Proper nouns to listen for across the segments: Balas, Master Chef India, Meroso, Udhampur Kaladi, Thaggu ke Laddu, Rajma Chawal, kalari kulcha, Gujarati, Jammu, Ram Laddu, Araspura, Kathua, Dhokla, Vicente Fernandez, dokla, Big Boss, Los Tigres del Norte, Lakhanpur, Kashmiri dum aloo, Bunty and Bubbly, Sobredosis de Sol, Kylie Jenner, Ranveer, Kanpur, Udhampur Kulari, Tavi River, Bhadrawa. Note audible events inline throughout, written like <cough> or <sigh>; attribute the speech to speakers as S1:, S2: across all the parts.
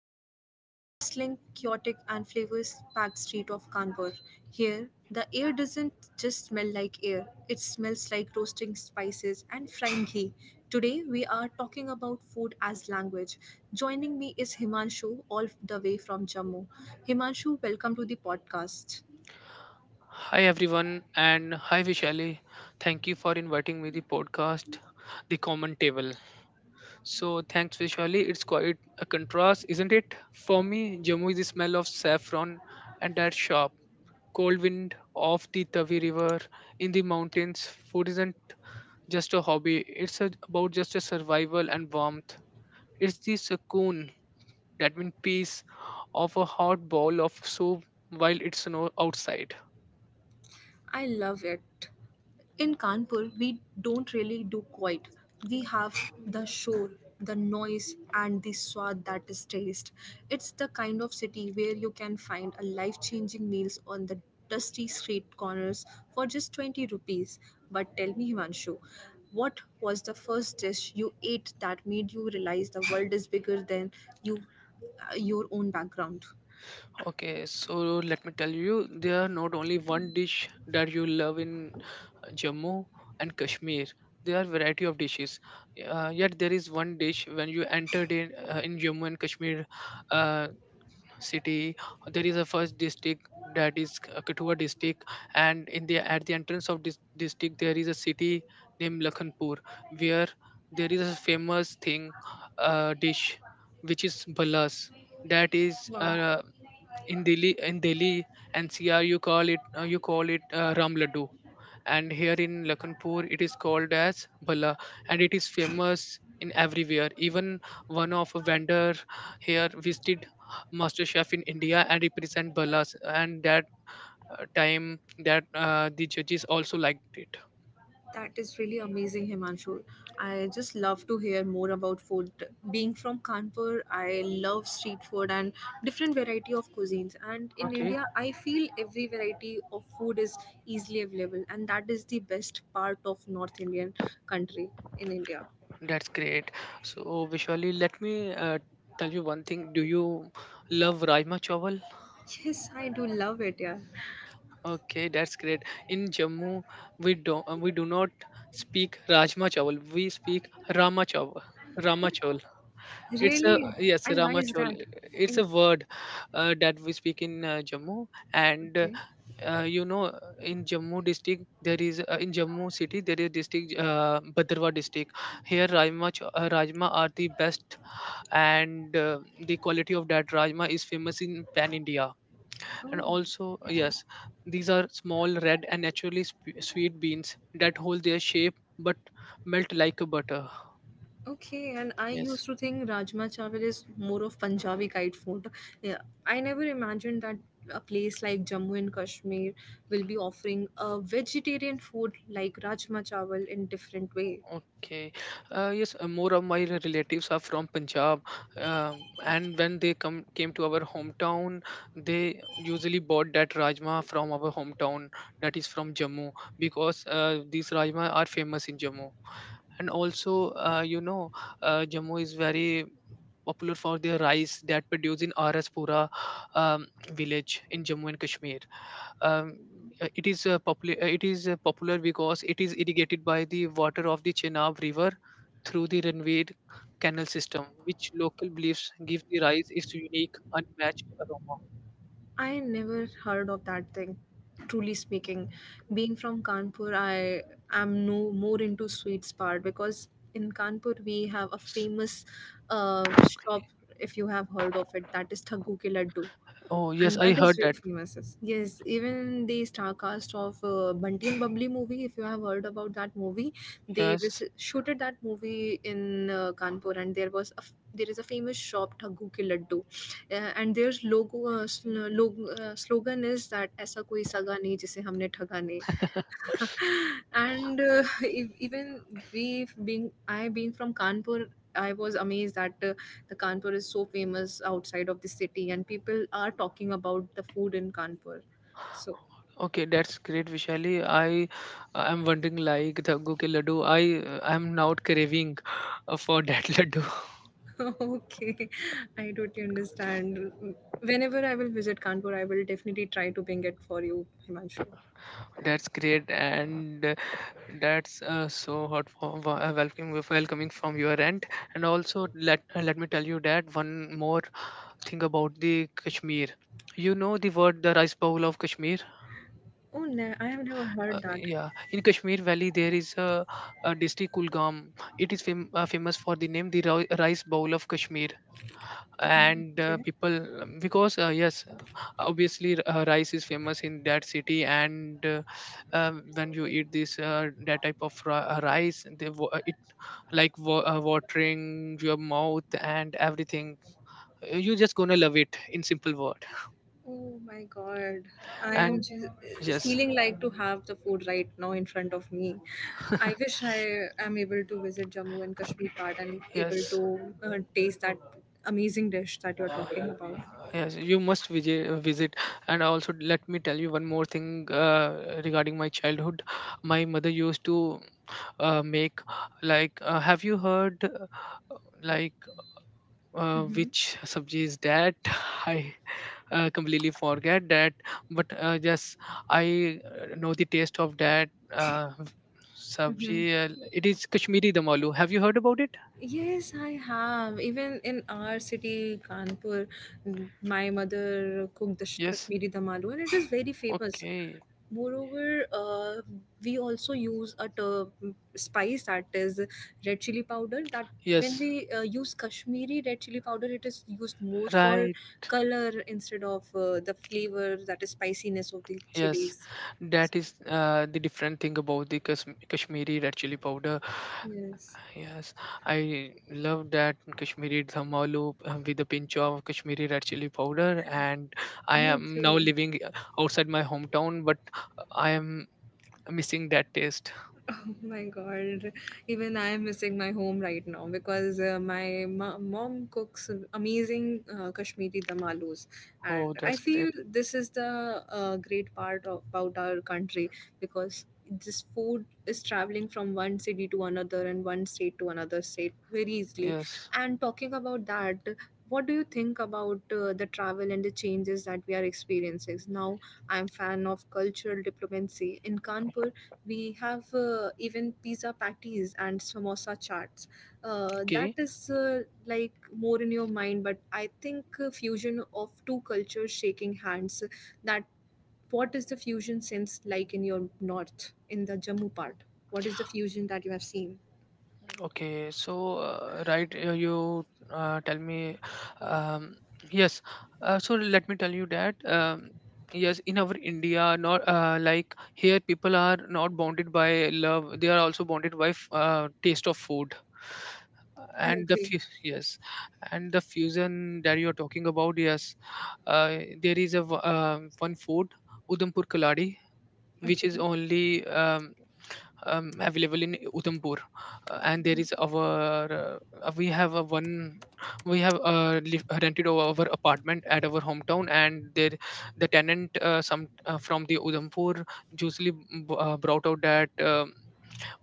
S1: from the bustling, chaotic, and flavors packed street of Kanpur. Here, the air doesn't just smell like air, it smells like roasting spices and frying ghee. Today, we are talking about food as language. Joining me is Himanshu, all the way from Jammu. Himanshu, welcome to the podcast.
S2: Hi everyone and hi Vishali. Thank you for inviting me the podcast, The Common Table. So thanks Vishali. It's quite a contrast, isn't it? For me, Jammu is the smell of saffron and that sharp cold wind of the Tavi River in the mountains. Food isn't just a hobby. It's about just a survival and warmth. It's the sukoon, that means peace, of a hot bowl of soup while it snows outside.
S1: I love it. In Kanpur, we don't really do quiet. We have the shore, the noise, and the swad that is taste. It's the kind of city where you can find a life changing meals on the dusty street corners for just 20 rupees. But tell me, Himanshu, what was the first dish you ate that made you realize the world is bigger than you, your own background?
S2: Okay, so let me tell you, there are not only one dish that you love in Jammu and Kashmir. There are variety of dishes. Yet there is one dish when you entered in Jammu and Kashmir uh, city. There is a first district that is Kathua district, and in the at the entrance of this district there is a city named Lakhanpur, where there is a famous thing dish which is balas, that is
S1: Wow,
S2: in Delhi, in Delhi NCR you call it Ram Laddu, and here in Lakhanpur it is called as Bala, and it is famous in everywhere. Even one of a vendor here visited master chef in India and represent Balas, and that time that the judges also liked it.
S1: that is really amazing, Himanshu. I just love to hear more about food. Being from Kanpur, I love street food and different variety of cuisines. And in
S2: Okay,
S1: India, I feel every variety of food is easily available, and that is the best part of North Indian country in India.
S2: that's great. So Vishali, let me tell you one thing. Do you love Rajma Chawal?
S1: Yes, I do love it, yeah.
S2: Okay, that's great. In Jammu, we do not speak Rajma Chawal. We speak Rama Chawal. Rama Chawal. It's a
S1: Really?
S2: yes,
S1: And why
S2: Rama
S1: is
S2: Chawal.
S1: that?
S2: It's a
S1: In
S2: word that we speak in Jammu, and uh,
S1: okay.
S2: uh, you know, in Jammu district there is in Jammu city there is district Bhadrawa district. Here, Rajma are the best, and the quality of that Rajma is famous in pan India, and
S1: Oh,
S2: also
S1: okay.
S2: yes, these are small red and naturally sweet beans that hold their shape but melt like a butter.
S1: Okay, and I
S2: Yes.
S1: used to think Rajma Chawal is more of Punjabi guide food. Yeah, I never imagined that a place like Jammu and Kashmir will be offering a vegetarian food like Rajma Chawal in different way.
S2: Okay, yes, more of my relatives are from Punjab, and when they come came to our hometown, they usually bought that rajma from our hometown, that is from Jammu, because these rajma are famous in Jammu. And also, you know, Jammu is very popular for their rice that produced in Araspura, um, village in Jammu and Kashmir. Um, it is popular. It is popular because it is irrigated by the water of the Chenab River through the Ranveer canal system, which local beliefs give the rice its unique, unmatched aroma.
S1: I never heard of that thing. Truly speaking, being from Kanpur, I am no more into sweets part, because in Kanpur we have a famous shop, if you have heard of it, that is Thaggu ke Laddu,
S2: Oh yes,
S1: and
S2: I
S1: that is
S2: heard
S1: very
S2: that.
S1: famous. Yes. Yes, even the star cast of Bunty and Bubbly movie, if you have heard about that movie, they was
S2: Yes.
S1: shooted that movie in Kanpur, and there was a there is a famous shop Thagu Ki Laddu, uh, and their logo slogan is that ऐसा कोई सगा नहीं जिसे हमने ठगा नहीं, and even we being I being from Kanpur, I was amazed that the Kanpur is so famous outside of the city, and people are talking about the food in Kanpur. So
S2: Okay, that's great, Vishali. I am wondering like the Goo ke laddu. I am now craving for that <laughs> laddu.
S1: <laughs> okay, I totally understand. Whenever I will visit Kanpur, I will definitely try to bring it for you, Himanshu.
S2: That's great, and that's so hot for welcoming from your end. And also, let me tell you that one more thing about the Kashmir. You know the word the rice bowl of Kashmir.
S1: Oh, no, I have never heard that.
S2: Yeah, in Kashmir Valley there is a district Kulgam. It is famous for the name the rice bowl of Kashmir, and
S1: Okay.
S2: people, because yes, obviously, rice is famous in that city. And when you eat this that type of rice, they, it like watering your mouth and everything. You're just gonna love it in simple word,
S1: Oh my god. I am
S2: and
S1: just
S2: yes.
S1: feeling like to have the food right now in front of me. I wish I am able to visit Jammu and Kashmir part and able
S2: Yes.
S1: to taste that amazing dish that you're talking about.
S2: Yes, you must visit. And also let me tell you one more thing regarding my childhood. My mother used to make, like, have you heard, like,
S1: Mm-hmm.
S2: which sabji is that <laughs> I completely forget that, but yes, I know the taste of that uh,
S1: Mm-hmm.
S2: sabji. It is kashmiri dum aloo. Have you heard about it?
S1: Yes, I have. Even in our city, Kanpur, mm, my mother cooked the
S2: Yes.
S1: Kashmiri dum aloo, and it is very famous.
S2: Okay.
S1: Moreover, we also use a spice that is red chili powder. That when
S2: Yes.
S1: we use Kashmiri red chili powder, it is used more for
S2: Right.
S1: color instead of the flavor that is spiciness of the
S2: Yes,
S1: chilies.
S2: that is the different thing about the kashmiri red chili powder.
S1: Yes,
S2: Yes, I love that Kashmiri dhamma loop with a pinch of Kashmiri red chili powder. And I
S1: me
S2: am now
S1: too.
S2: living outside my hometown, but I am missing that taste.
S1: Oh my god, even I am missing my home right now because mom cooks amazing Kashmiri dum alus, and
S2: Oh,
S1: I
S2: that's
S1: feel
S2: great.
S1: this is the great part of, about our country, because this food is traveling from one city to another and one state to another state very easily.
S2: Yes.
S1: And talking about that, what do you think about the travel and the changes that we are experiencing now? I'm fan of cultural diplomacy. In Kanpur we have even pizza patties and samosa charts that
S2: Okay.
S1: is like more in your mind, but I think fusion of two cultures shaking hands, that what is the fusion sense like in your north, in the Jammu part? What is the fusion that you have seen?
S2: Okay, so right, you tell me, um, yes. So let me tell you that yes, in our India, not like here, people are not bonded by love; they are also bonded by taste of food.
S1: I
S2: And the
S1: agree.
S2: fu- yes, and the fusion that you are talking about, yes, there is one food, Udhampur Kaladi, which is
S1: Okay.
S2: only available in Udhampur. And there is our we have a one, we have rented our apartment at our hometown, and there the tenant some from the Udhampur usually brought out that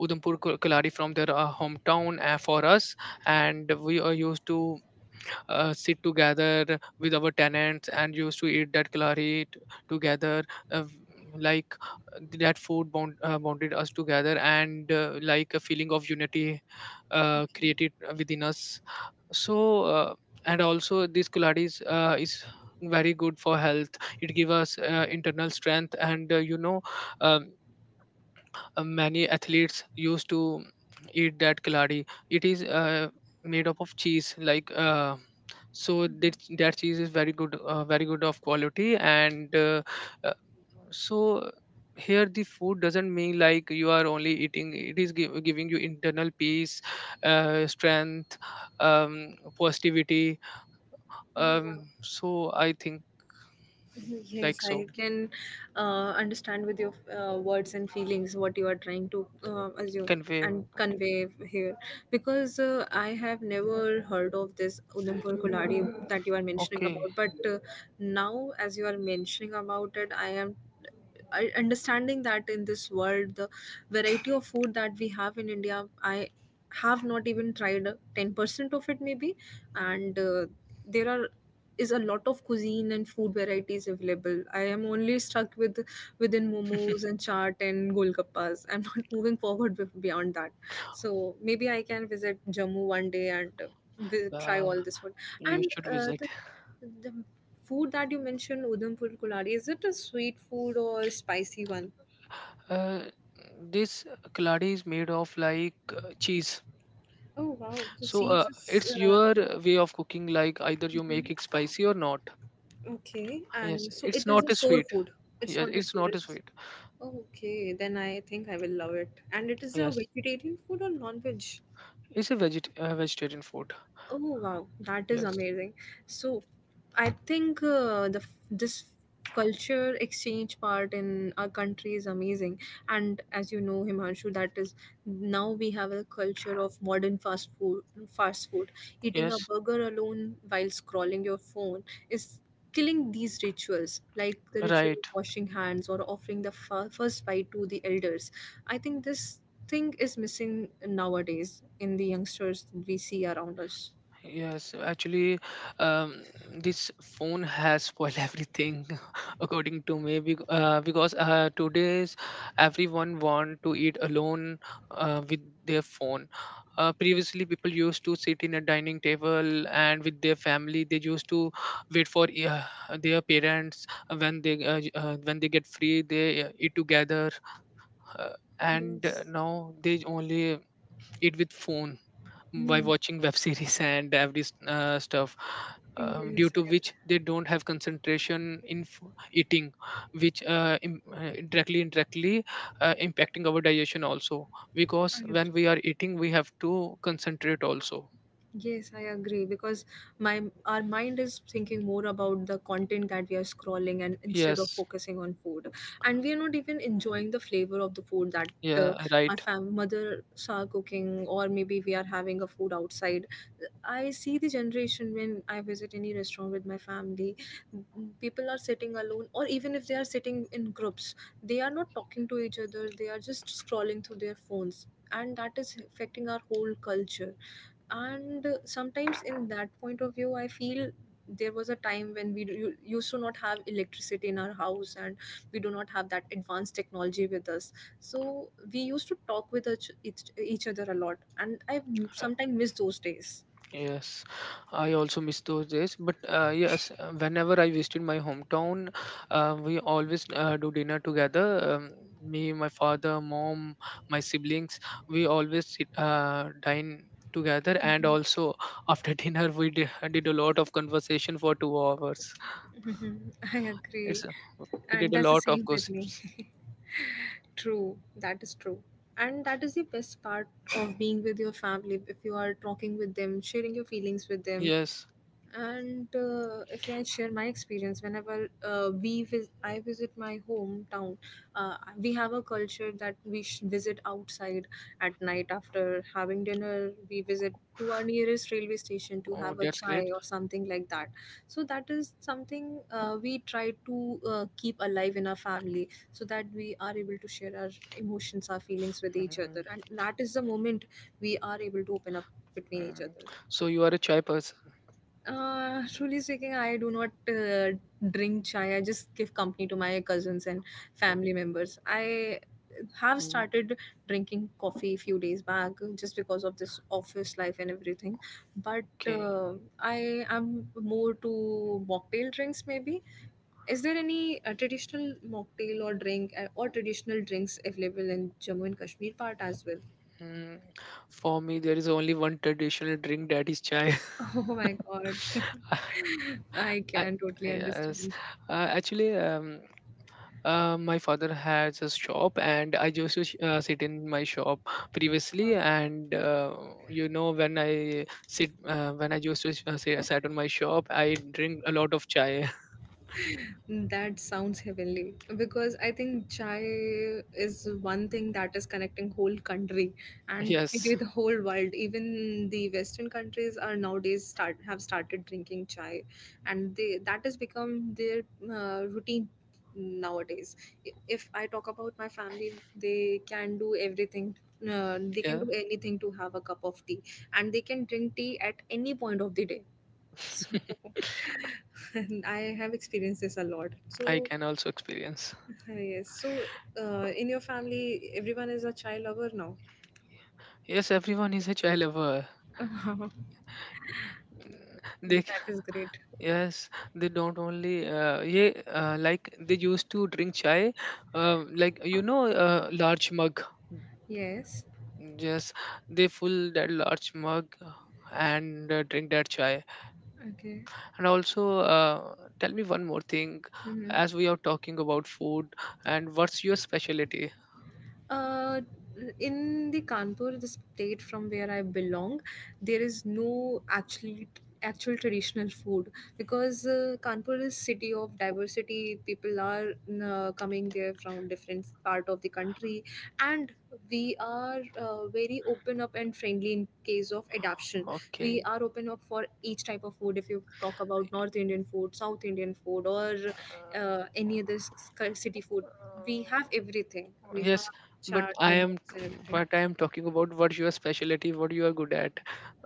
S2: Udhampur Kulari from their hometown for us, and we are used to sit together with our tenants and used to eat that kalari together, uh, v- like that food bond, bonded us together and like a feeling of unity
S1: Okay.
S2: created within us. So and also this kalari is very good for health. It gives us internal strength, and you know, um, many athletes used to eat that kaladi. It is made up of cheese, like so that that cheese is very good, very good of quality, and uh, so here the food doesn't mean like you are only eating. It is giving you internal peace, strength, positivity. So I think
S1: Yes,
S2: like
S1: I
S2: so.
S1: can understand with your words and feelings what you are trying to assume
S2: Can we?
S1: and
S2: Okay.
S1: convey here, because I have never heard of this Udhampur Kuladi that you are mentioning
S2: Okay.
S1: about. But now, as you are mentioning about it, I am understanding that in this world the variety of food that we have in India, I have not even tried 10% of it maybe. And there are is a lot of cuisine and food varieties available. I am only stuck with within momos and chaat and golgappas. I'm <laughs> not moving forward beyond that. So maybe I can visit Jammu one day and try
S2: Uh,
S1: all this food.
S2: you
S1: And
S2: should visit.
S1: the food that you mentioned, Udhampur Kulari, is it a sweet food or spicy one?
S2: Uh, this kaladi is made of like cheese.
S1: Oh wow! So
S2: So
S1: seeds is
S2: it's your way of cooking. Like either you make it
S1: mhm.
S2: spicy or not.
S1: Okay,
S2: Yes,
S1: and so
S2: it's
S1: it
S2: not
S1: is a
S2: a
S1: sour
S2: sweet.
S1: food. It's
S2: Yes,
S1: not a
S2: it's
S1: sweet.
S2: not a sweet.
S1: Okay, then I think I will love it. And it is a
S2: Yes,
S1: vegetarian food or non-veg?
S2: it's a vegetarian food.
S1: Oh wow, that is
S2: Yes,
S1: amazing. So I think this culture exchange part in our country is amazing, and as you know, Himanshu, that is, now we have a culture of modern fast food. Fast food, eating a
S2: yes,
S1: burger alone while scrolling your phone is killing these rituals, like the ritual of
S2: right.
S1: washing hands or offering the first bite to the elders. I think this thing is missing nowadays in the youngsters we see around us.
S2: Yes, actually, um, this phone has spoiled everything, <laughs> according to me. Because today's everyone want to eat alone with their phone. Previously, people used to sit in a dining table and with their family. They used to wait for their parents when they when they get free. They eat together, and
S1: Yes.
S2: now they only eat with phone by watching web series <laughs> and every stuff,
S1: Y de
S2: due to
S1: Zagreb.
S2: which they don't have concentration in eating, which directly indirectly impacting our digestion also, because
S1: Zagreb.
S2: when we are eating we have to concentrate also.
S1: Yes, I agree, because my our mind is thinking more about the content that we are scrolling, and instead of
S2: Yes.
S1: focusing on food. And we are not even enjoying the flavor of the food that uh,
S2: Yeah, right.
S1: mothers are cooking, or maybe we are having a food outside. I see the generation. When I visit any restaurant with my family, people are sitting alone, or even if they are sitting in groups, they are not talking to each other, they are just scrolling through their phones. And that is affecting our whole culture. And sometimes in that point of view I feel there was a time when we used to not have electricity in our house, and we do not have that advanced technology with us. So we used to talk with each other a lot, and I sometimes miss those days.
S2: Yes, I also miss those days. But yes, whenever I visited my hometown, we always do dinner together. Me, my father, mom, my siblings, we always sit, dine together. And also after <laughs> dinner, we did a lot of conversation for two hours.
S1: Mhm. <laughs> I
S2: It's
S1: agree.
S2: we
S1: And
S2: did a
S1: that's the
S2: lot of
S1: same with me.
S2: gossips.
S1: <laughs> True, that is true. And that is the best part of being with your family, if you are talking with them, sharing your feelings with them.
S2: Yes.
S1: And if I share my experience, whenever I visit my hometown, we have a culture that we visit outside at night after having dinner. We visit to our nearest railway station to
S2: Oh,
S1: have a
S2: that's
S1: chai
S2: great.
S1: or something like that. So that is something we try to keep alive in our family, so that we are able to share our emotions, our feelings with each
S2: Mhm,
S1: other, and that is the moment we are able to open up between each
S2: mhm.
S1: other.
S2: So you are a chai person.
S1: Truly speaking, I do not drink chai. I just give company to my cousins and family members. I have
S2: Mhm.
S1: started drinking coffee a few days back just because of this office life and everything. But
S2: Okay.
S1: uh, I am more to mocktail drinks, maybe. Is there any traditional mocktail or drink, or traditional drinks available in Jammu and Kashmir part as well?
S2: Mm, for me, there is only one traditional drink that is chai.
S1: <laughs> Oh my god,
S2: <laughs>
S1: <laughs> I
S2: I-
S1: can totally
S2: yes,
S1: understand.
S2: actually, my father has a shop, and I used to sit in my shop
S1: Yeah.
S2: previously. And you know, when I sit, when I used to sit, sat on my shop, I drink a lot of chai.
S1: That sounds heavenly, because I think chai is one thing that is connecting whole country,
S2: <laughs>
S1: and
S2: Yes,
S1: maybe the whole world. Even the Western countries are nowadays start have started drinking chai, and they that has become their routine nowadays. If I talk about my family, they can do everything. They can
S2: yeah,
S1: do anything to have a cup of tea, and they can drink tea at any point of the day. So <laughs> and I have experienced this a lot.
S2: I
S1: So
S2: can also experience.
S1: yes, so in your family, everyone is a child lover now.
S2: Yes, everyone is a chai lover.
S1: <laughs> Wow,
S2: Mm, they.
S1: that is great.
S2: Yes, they don't only yeah like they used to drink chai, like you know, large mug.
S1: Yes.
S2: Yes, they fill that large mug and drink that chai.
S1: Okay.
S2: And also, tell me one more thing,
S1: Mm-hmm.
S2: as we are talking about food, and what's your specialty?
S1: Uh, in the Kanpur, the state from where I belong, there is no actual traditional food, because Kanpur is city of diversity. People are coming there from different part of the country, and we are very open up and friendly in case of adaptation. We
S2: Okay.
S1: are open up for each type of food. If you talk about North Indian food, South Indian food, or uh, any other s- city food, we have
S2: Uh,
S1: everything. We have
S2: yes, but
S1: chaat,
S2: I am
S1: momos, and everything.
S2: but I am talking about what your specialty, what you are good at.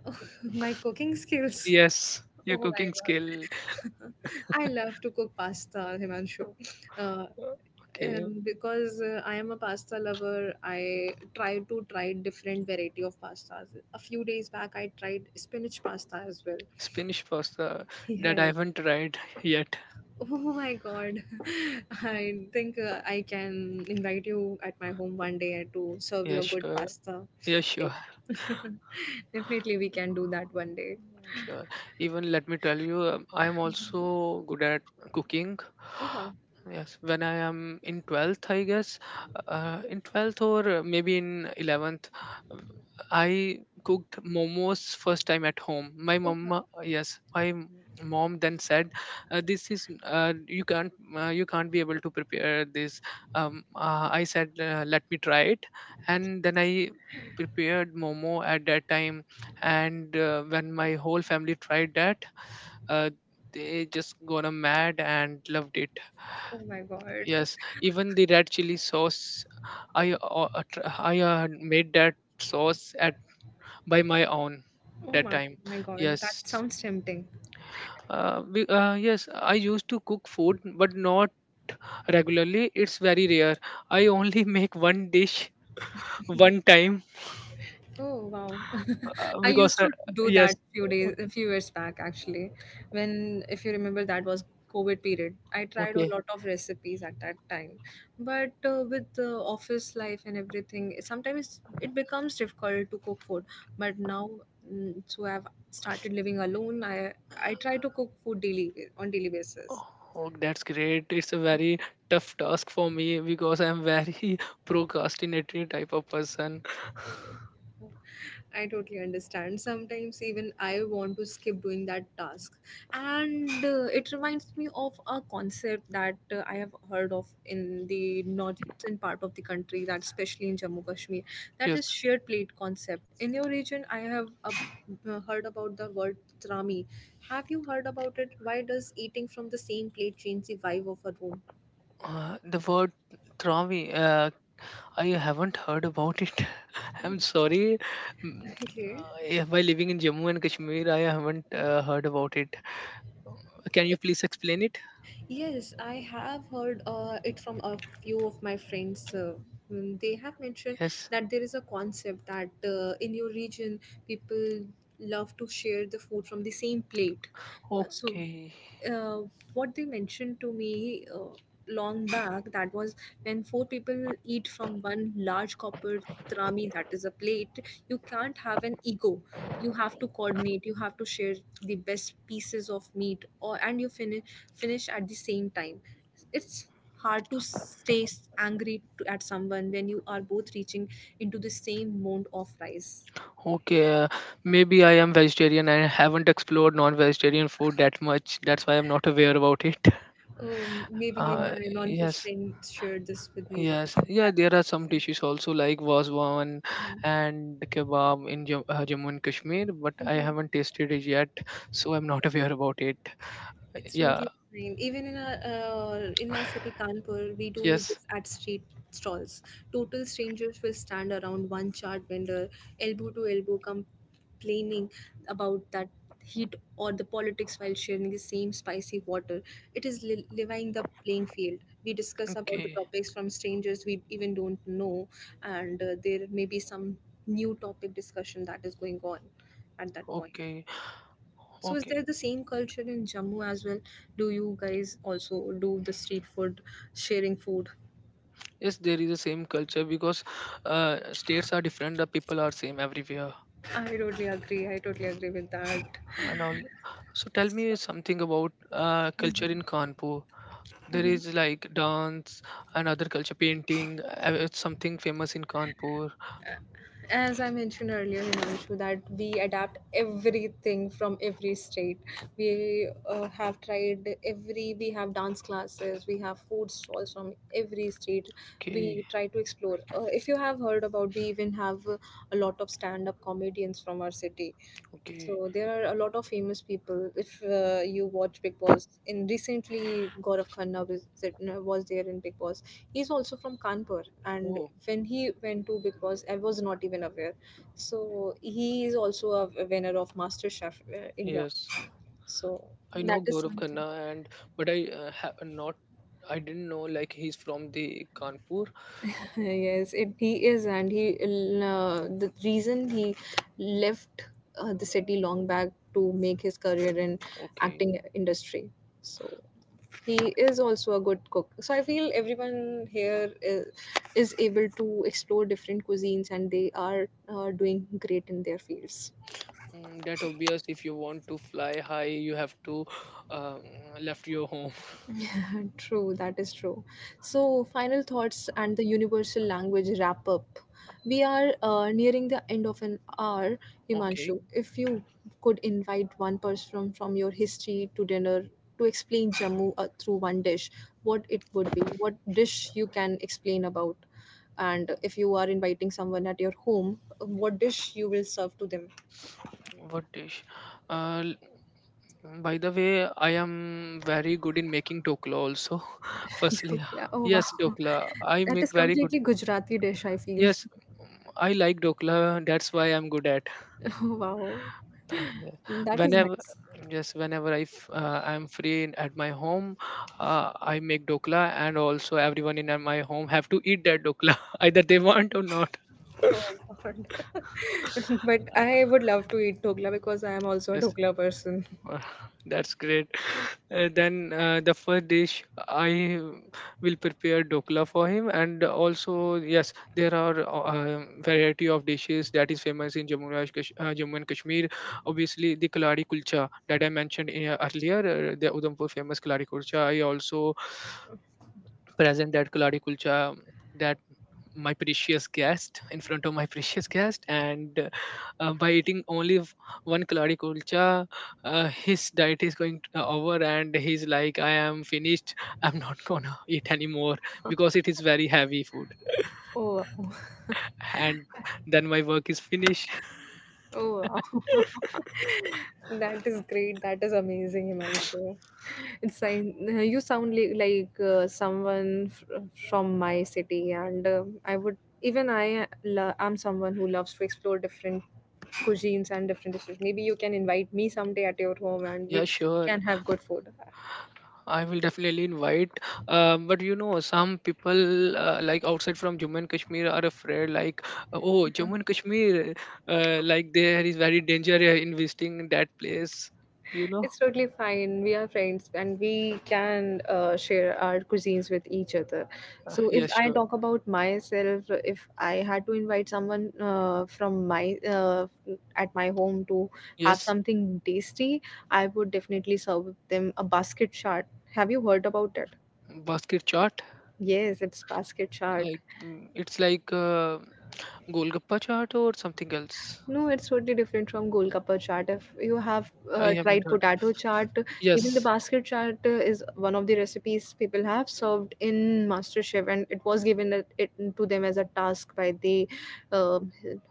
S1: <laughs> My cooking skills. Yeah. <laughs>
S2: Yes, your
S1: Oh my
S2: cooking skill.
S1: god. <laughs> I love to cook pasta, Himanshu. Uh,
S2: Uh, Okay,
S1: because I am a pasta lover, I try to try different variety of pastas. A few days back, I tried spinach pasta as well.
S2: Spanish pasta
S1: <laughs>
S2: that
S1: Yes.
S2: I haven't tried <laughs> yet.
S1: Oh my god. <laughs> I think I can invite you at my home one day to serve you
S2: Yeah,
S1: a good
S2: sure.
S1: pasta.
S2: Yeah, sure.
S1: Like, <laughs> definitely, we can do that one day.
S2: Mm, sure. Even let me tell you, I am also good at cooking.
S1: Oh wow.
S2: Yes, when I am in 12th, I guess, in 12th or maybe in 11th, um, I cooked momos first time at home. My
S1: Oh wow.
S2: mama, yes, my mom then said, "This is you can't you can't be able to prepare this." I said, "Let me try it," and then I prepared momo at that time, and when my whole family tried that uh, they just gonna mad and loved it.
S1: Oh my god.
S2: Yes, even the red chili sauce, I made that sauce at by my own
S1: Oh
S2: that
S1: my,
S2: time.
S1: my god.
S2: Yes,
S1: That sounds tempting.
S2: yes, I used to cook food, but not regularly. It's very rare. I only <laughs> make one dish one time,
S1: Oh wow. <laughs> I
S2: because
S1: used to do
S2: yes.
S1: that few days a few years back actually. When if you remember that was COVID period. I tried a
S2: Okay.
S1: lot of recipes at that time. But with the office life and everything, sometimes it becomes difficult to cook food. But now so I've started living alone. I try to cook food daily on daily basis.
S2: Oh, that's great. It's a very tough task for me because I'm very <laughs> procrastinatory type of person.
S1: I totally understand. Sometimes even I want to skip doing that task. And it reminds me of a concept that I have heard of in the northern part of the country, that especially in Jammu Kashmir, that is
S2: Yes.
S1: shared plate concept. In your region, I have heard about the word trami. Have you heard about it? Why does eating from the same plate change the vibe of a room?
S2: The word traumi, I haven't heard about it. <laughs> I'm
S1: <laughs>
S2: sorry. Mm,
S1: Okay.
S2: By living in Jammu and Kashmir, I haven't heard about it. Can you please explain it?
S1: Yes, I have heard it from a few of my friends. They have mentioned
S2: Yes.
S1: that there is a concept that in your region, people love to share the food from the same plate. So
S2: Okay.
S1: uh, what they mentioned to me long back that was when 4 people eat from one large copper trami, that is a plate. You can't have an ego, you have to coordinate, you have to share the best pieces of meat, or and you finish at the same time. It's hard to angry to, at someone when you are both reaching into the same mound of rice.
S2: Okay. Maybe I am vegetarian. I haven't explored non-vegetarian food that much. That's why I'm not aware about it.
S1: Maybe my non-veg
S2: Yes.
S1: friend shared this with me
S2: Yes,
S1: once,
S2: yeah,
S1: that
S2: there are
S1: is
S2: some
S1: the
S2: dishes also like waswan
S1: reason.
S2: and kebab in Jammu and Kashmir, but I
S1: Hmm.
S2: haven't tasted it yet, so I'm not <laughs> aware about it.
S1: It's
S2: Yeah,
S1: totally fine. Even in a in my city, Kanpur, we do
S2: yes,
S1: this at street stalls. Total strangers will stand around one chart vendor, elbow to elbow, complaining about that heat or the politics while sharing the same spicy water. It is levying the playing field. We discuss about the
S2: okay,
S1: topics from strangers we even don't know, and there may be some new topic discussion that is going on at that point.
S2: okay,
S1: So is
S2: okay.
S1: there the same culture in Jammu as well? Do you guys also do the street food, sharing food?
S2: Yes, there is the same culture because states are different, the people are same everywhere
S1: I totally agree. I totally agree with that.
S2: and all. So tell me
S1: So,
S2: something about culture in Kanpur. There
S1: mhm.
S2: is like dance and other culture, painting, it's something famous in Kanpur.
S1: As I mentioned earlier, Himanshu, that we adapt everything from every state. We we have dance classes, we have food stalls from every state.
S2: Okay,
S1: We try to explore. If you have heard about, we even have a lot of stand up comedians from our city.
S2: okay.
S1: So there are a lot of famous people. If you watch Big Boss, in recently Gaurav Khanna was there in Big Boss. He's also from Kanpur, and
S2: Oh,
S1: when he went to Big Boss, I was not even aware. So he is also a winner of Master Chef India.
S2: yes,
S1: So
S2: I
S1: that
S2: know
S1: is
S2: Gaurav
S1: something.
S2: Khanna, and but I have not. I didn't know like he's from the Kanpur.
S1: <laughs> Yes, it, he is, and he the reason he left the city long back to make his career in
S2: Okay,
S1: acting industry. So he is also a good cook, so I feel everyone here is able to explore different cuisines, and they are doing great in their fields.
S2: mm, that obvious. If you want to fly high, you have to um, left your home.
S1: <laughs> True, that is true. So, final thoughts and the universal language wrap up. We are nearing the end of an hour,
S2: Okay,
S1: Himanshu. If you could invite one person from your history to dinner to explain Jammu through one dish, what it would be, what dish you can explain about, and if you are inviting someone at your home, what dish you will serve to them.
S2: what dish? Uh, l- by the way, I am very good in making dokla also. <laughs>
S1: <laughs>
S2: Firstly,
S1: Dhokla. Oh
S2: yes,
S1: wow,
S2: dokla. I
S1: that is
S2: make very good.
S1: completely Gujarati dish. I feel.
S2: Yes, mm, I like dokla. That's why I'm good at.
S1: <laughs> Oh wow.
S2: Yes.
S1: That is
S2: Whenever
S1: nice.
S2: yes, whenever I I'm free at my home, I make dokla, and also everyone in my home have to eat that dokla, <laughs> either they want or not.
S1: Oh
S2: <laughs>
S1: God. <laughs> But I would love to eat dhokla because I am also a
S2: Yes, <sighs>
S1: dhokla person.
S2: Uh, <laughs> That's great. <laughs> Then the first dish I will prepare dokla for him, and also yes, there are variety of dishes that is famous in Jammu and Kashmir. Obviously, the kalari kulcha that I mentioned earlier, the Udhampur famous kalari kulcha. I also present that kalari kulcha my precious guest in front of my <laughs> precious guest, and by eating only one kalari kulcha, his diet is going to, over, and he's like I am finished. I'm not <laughs> gonna eat anymore because it is very heavy food,
S1: Oh, wow.
S2: and then my work is finished. <laughs>
S1: Oh, wow. <laughs> That is great. That is amazing, Himanshu. It's like you sound like someone from my city, and I would even am someone who loves to explore different cuisines and different dishes. Maybe you can invite me someday at your home, and we
S2: Yeah, sure.
S1: can have good food.
S2: I will definitely invite. But you know, some people like outside from Jammu and Kashmir are afraid, like, oh, Jammu and Kashmir, like there is very danger investing in that place. You know?
S1: It's totally fine. We are friends and we can share our cuisines with each other. So, if
S2: Yes,
S1: I
S2: sure.
S1: talk about myself, if I had to invite someone from my at my home to have
S2: Yes,
S1: something tasty, I would definitely serve them a basket chart. Have you heard about it?
S2: basket chart.
S1: Yes, it's basket chart.
S2: Like mm, it's like Golgappa chart or something else.
S1: No, it's totally different from Golgappa chaat. If you have
S2: I haven't
S1: tried
S2: heard.
S1: potato chaat, even the
S2: Yes.
S1: basket chaat is one of the recipes people have served in MasterChef, and it was it to them as a task by the uh,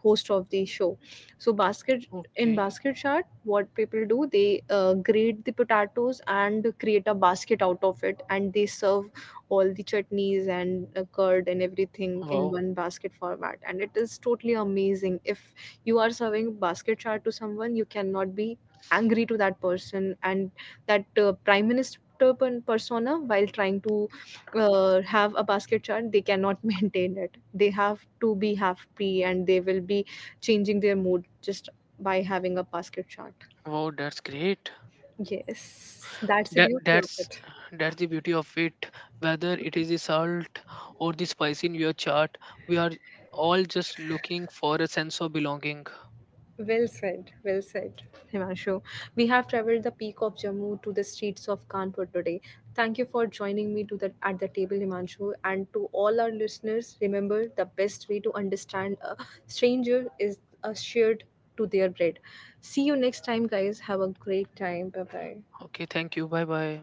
S1: host of the show. So, basket in
S2: Okay.
S1: basket chaat, what people do, they grate the potatoes and create a basket out of it, and they serve all the chutneys and curd and everything in
S2: Wow.
S1: one basket format, and it is totally amazing. If you are serving basket chart to someone, you cannot be angry to that person. And that prime minister persona, while trying to have a basket chart, they cannot <laughs> maintain it. They have to be happy, and they will be changing their mood just by having a basket chart.
S2: Wow, that's great.
S1: Yes, that's the
S2: that
S1: beauty of
S2: that's
S1: it.
S2: that's the beauty of it, whether it is the salt or the spice in your chart. We are all just looking for a sense of belonging.
S1: Well said, Himanshu. We have traveled the peak of Jammu to the streets of Kanpur today. Thank you for joining me to the, at the table, Himanshu. And to all our listeners, remember the best way to understand a stranger is a shared to their bread. See you next time, guys. Have a great time. Bye bye.
S2: Okay, thank you, bye bye.